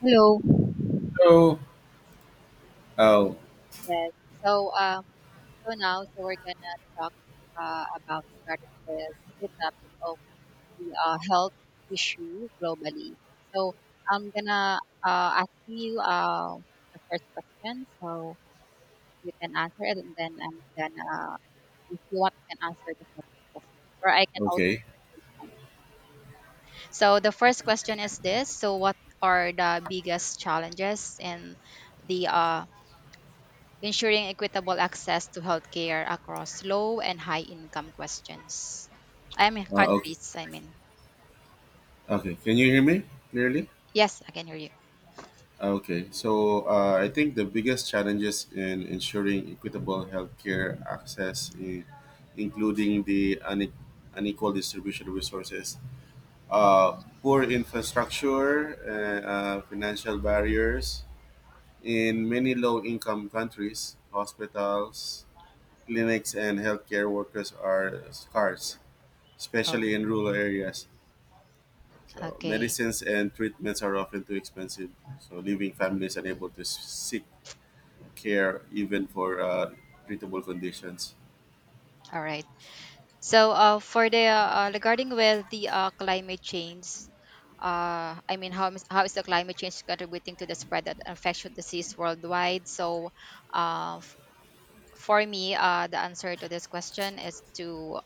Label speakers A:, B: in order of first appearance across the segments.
A: Hello.
B: So, oh,
A: Yes. So um so we're gonna talk about regarding with the topic of the health issue globally. So I'm gonna ask you the first question so you can answer it, and then I'm gonna, if you want you can answer the second question, or I can also
B: okay,
A: take mine. So the first question is this. So what are the biggest challenges in the ensuring equitable access to healthcare across low and high income questions. I mean
B: okay,
A: countries.
B: okay. Can you hear me clearly?
A: Yes, I can hear you.
B: Okay. So, I think the biggest challenges in ensuring equitable healthcare access, including the unequal distribution of resources,
A: Mhm.
B: poor infrastructure, financial barriers in many low-income countries, hospitals, clinics, and healthcare workers are scarce,
A: Oh,
B: especially in rural areas. So
A: okay,
B: medicines and treatments are often too expensive, so leaving families unable to seek care even for treatable conditions.
A: all right. For the regarding with the climate change, I mean, how is the climate change contributing to the spread of infectious disease worldwide? Uh, for me, the answer to this question is to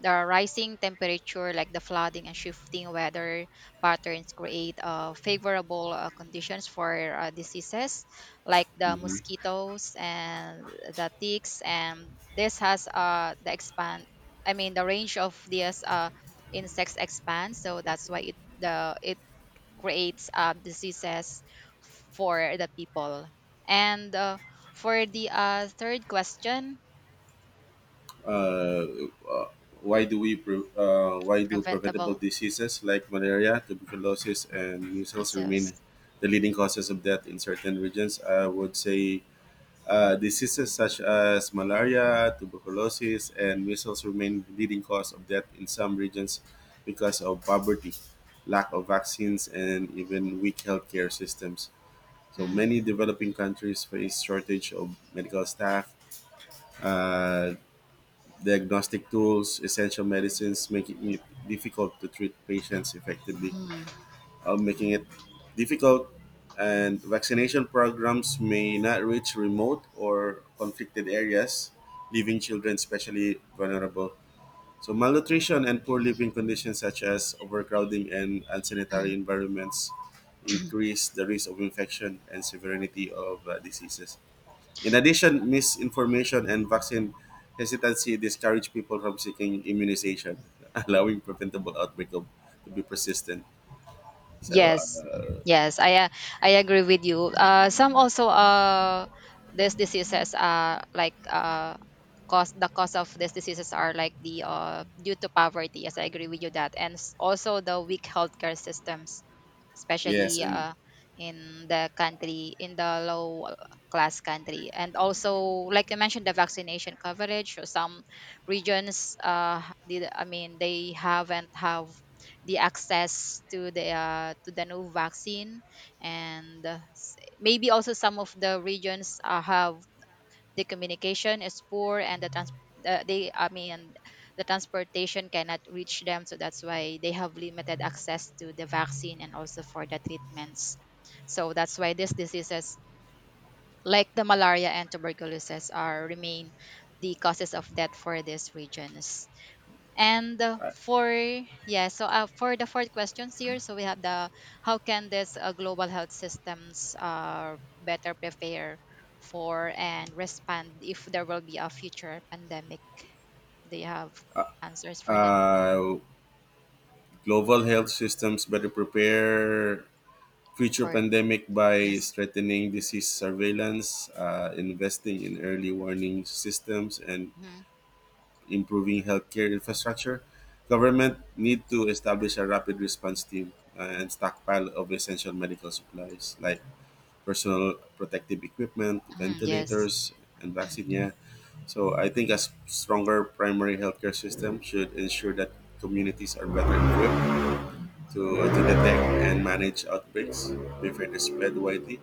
A: the rising temperature, like the flooding and shifting weather patterns, create favorable conditions for diseases like the
B: Hmm.
A: mosquitoes and the ticks. And this has the range of these insects expands. So that's why it creates diseases for the people. And for the third question,
B: Uh, uh, why why do preventable
A: preventable
B: diseases like malaria, tuberculosis, and measles remain
A: measles.
B: the leading causes of death in certain regions? I would say, diseases such as malaria, tuberculosis, and measles remain the leading cause of death in some regions because of poverty, lack of vaccines, and even weak healthcare systems. So
A: Mm,
B: many developing countries face shortage of medical staff, uh, diagnostic tools, essential medicines, making it difficult to treat patients effectively,
A: mm,
B: uh, making it difficult, and vaccination programs may not reach remote or conflicted areas, leaving children especially vulnerable. So, malnutrition and poor living conditions, such as overcrowding and unsanitary
A: mm.
B: environments, increase the risk of infection and severity of diseases. In addition, misinformation and vaccine hesitancy discourage people from seeking immunization, allowing preventable outbreak of, to be persistent. So,
A: Yes, yes, I uh, I agree with you. Some also these diseases cause of these diseases are like the due to poverty. Yes, I agree with you that, and also the weak healthcare systems,
B: Yes,
A: especially
B: and
A: in the country in the low class country, and also like I mentioned, the vaccination coverage. So some regions did I mean they haven't have the access to the new vaccine, and maybe also some of the regions have the communication is poor, and the trans- they I mean the transportation cannot reach them, so that's why they have limited access to the vaccine and also for the treatments. So that's why these diseases like the malaria and tuberculosis are remain the causes of death for these regions. And for yeah, so for the fourth questions here, so we have the, how can this global health systems better prepare for and respond if there will be a future pandemic? Do you have answers for that?
B: uh, global health systems better prepare future
A: For,
B: pandemic by
A: yes,
B: strengthening disease surveillance, investing in early warning systems, and
A: hmm,
B: improving healthcare infrastructure. Government need to establish a rapid response team and stockpile of essential medical supplies like personal protective equipment,
A: hmm, yes,
B: ventilators, and vaccinia. So I think a stronger primary healthcare system should ensure that communities are better equipped to detect and manage outbreaks before they spread widely.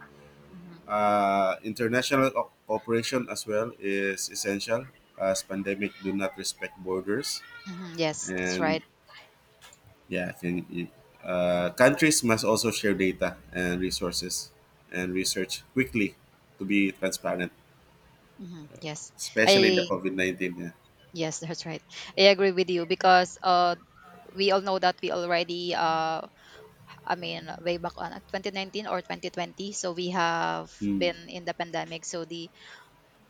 A: hmm,
B: International cooperation as well is essential as pandemic do not respect borders,
A: hmm, yes, that's right.
B: and yeah can you, countries must also share data and resources and research quickly to be transparent,
A: Hmm. Yes,
B: especially the
A: I
B: COVID-19. Yeah.
A: yes, that's right. I agree with you because we all know that we already way back on 2019 or 2020. So we have
B: Hmm.
A: been in the pandemic. So the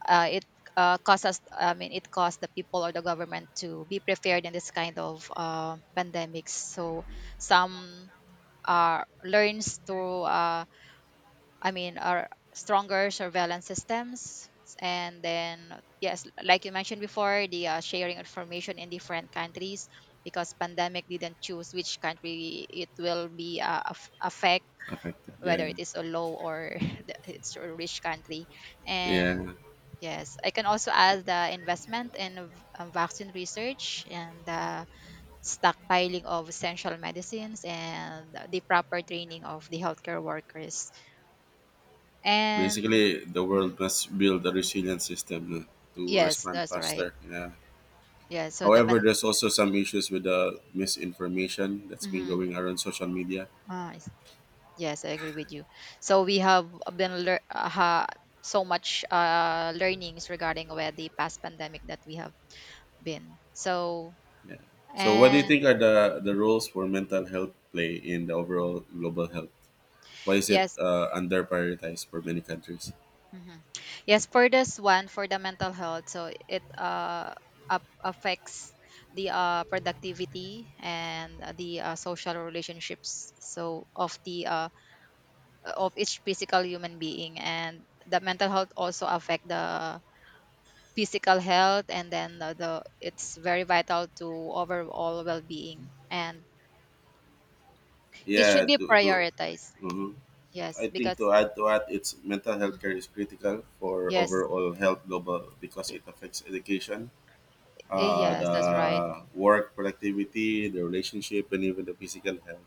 A: it caused us. I mean, it caused the people or the government to be prepared in this kind of pandemics. So some learns to. I mean, are stronger surveillance systems. And then yes, like you mentioned before, the sharing information in different countries, because pandemic didn't choose which country it will be affect,
B: Affected.
A: whether
B: Yeah,
A: it is a low or it's a rich country. And
B: yeah.
A: yes, I can also add the investment in vaccine research and the stockpiling of essential medicines and the proper training of the healthcare workers. And
B: Basically, the
A: Mhm.
B: world must build a resilient system to
A: Yes,
B: respond
A: that's right.
B: faster. Yeah.
A: Yeah, so the
B: However,
A: ban-
B: there's also some issues with the misinformation that's been
A: mhm.
B: going around social media.
A: Ah, I s- yes, I agree with you. So we have been lear- uh, ha- so much learnings regarding where the past pandemic that we have been. So.
B: Yeah. So, what do you
A: And
B: think are the roles for mental health play in the overall global health? Why is it
A: yes,
B: under prioritized for many countries?
A: mhm. Yes, for this one, for the mental health, so it up affects the productivity and the social relationships. So of the of each physical human being, and the mental health also affect the physical health, and then the it's very vital to overall well being, and it
B: Yeah.
A: should be
B: To.
A: prioritized.
B: Mhm.
A: Yes,
B: I think
A: because
B: to add to that, it's mental health
A: mhm.
B: care is critical for
A: yes,
B: overall health global because
A: y-
B: it affects education,
A: eh, yes,
B: the
A: that's right.
B: work productivity, the relationship, and even the physical health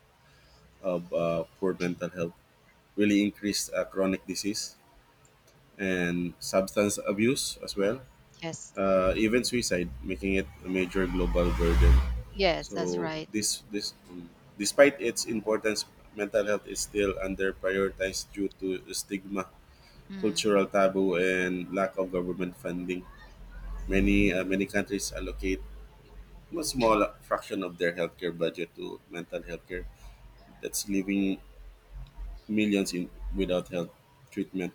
B: of poor mental health. Really increased chronic disease and substance abuse as well.
A: Yes.
B: Even suicide, making it a major global burden.
A: Yes, that's
B: So
A: right.
B: this, despite its importance, mental health is still under prioritized due to stigma,
A: Mm.
B: cultural taboo, and lack of government funding. Many countries allocate a small fraction of their healthcare budget to mental health care. That's leaving millions in without health treatment.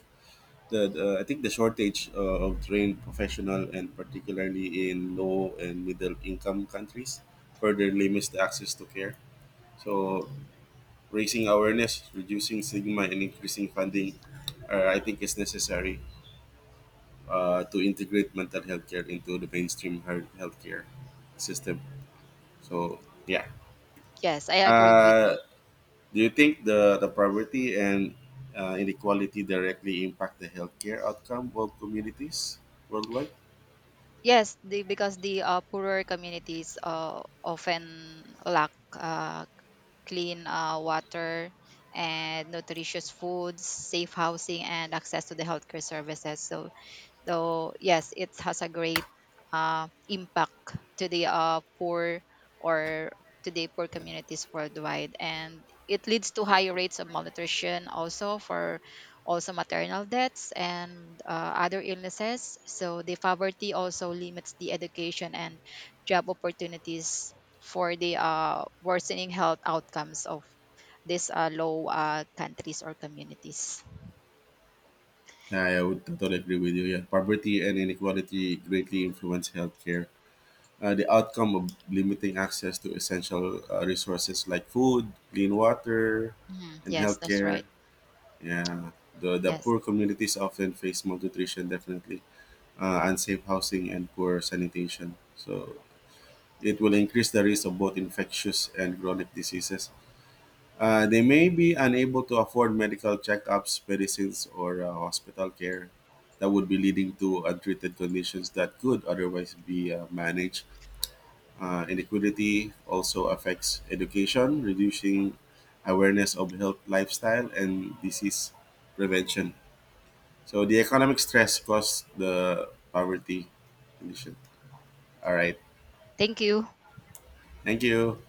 B: I think the shortage of trained professional and particularly in low and middle income countries further limits the access to care. So raising awareness, reducing stigma, and increasing funding, I think is necessary, to integrate mental health care into the mainstream healthcare system. So yeah,
A: Yes, I agree with
B: uh,
A: you.
B: do you think the poverty and inequality directly impact the healthcare outcome of communities worldwide?
A: Because the poorer communities often lack clean water and nutritious foods, safe housing, and access to the healthcare services. So yes, it has a great impact to the poor or to the poor communities worldwide, and it leads to high rates of malnutrition, also for also maternal deaths and other illnesses. So the poverty also limits the education and job opportunities for the worsening health outcomes of these low countries or communities.
B: I would totally agree with you. Yeah, poverty and inequality greatly influence healthcare. The outcome of limiting access to essential resources like food, clean water,
A: Mhm,
B: and
A: yes, that's
B: healthcare.
A: right.
B: Yeah, the
A: Yes,
B: poor communities often face malnutrition, definitely, unsafe housing, and poor sanitation. So it will increase the risk of both infectious and chronic diseases. They may be unable to afford medical checkups, medicines, or hospital care. That would be leading to untreated conditions that could otherwise be managed. Inequity also affects education, reducing awareness of health lifestyle and disease prevention. So the economic stress caused the poverty condition. All right.
A: thank you.
B: Thank you.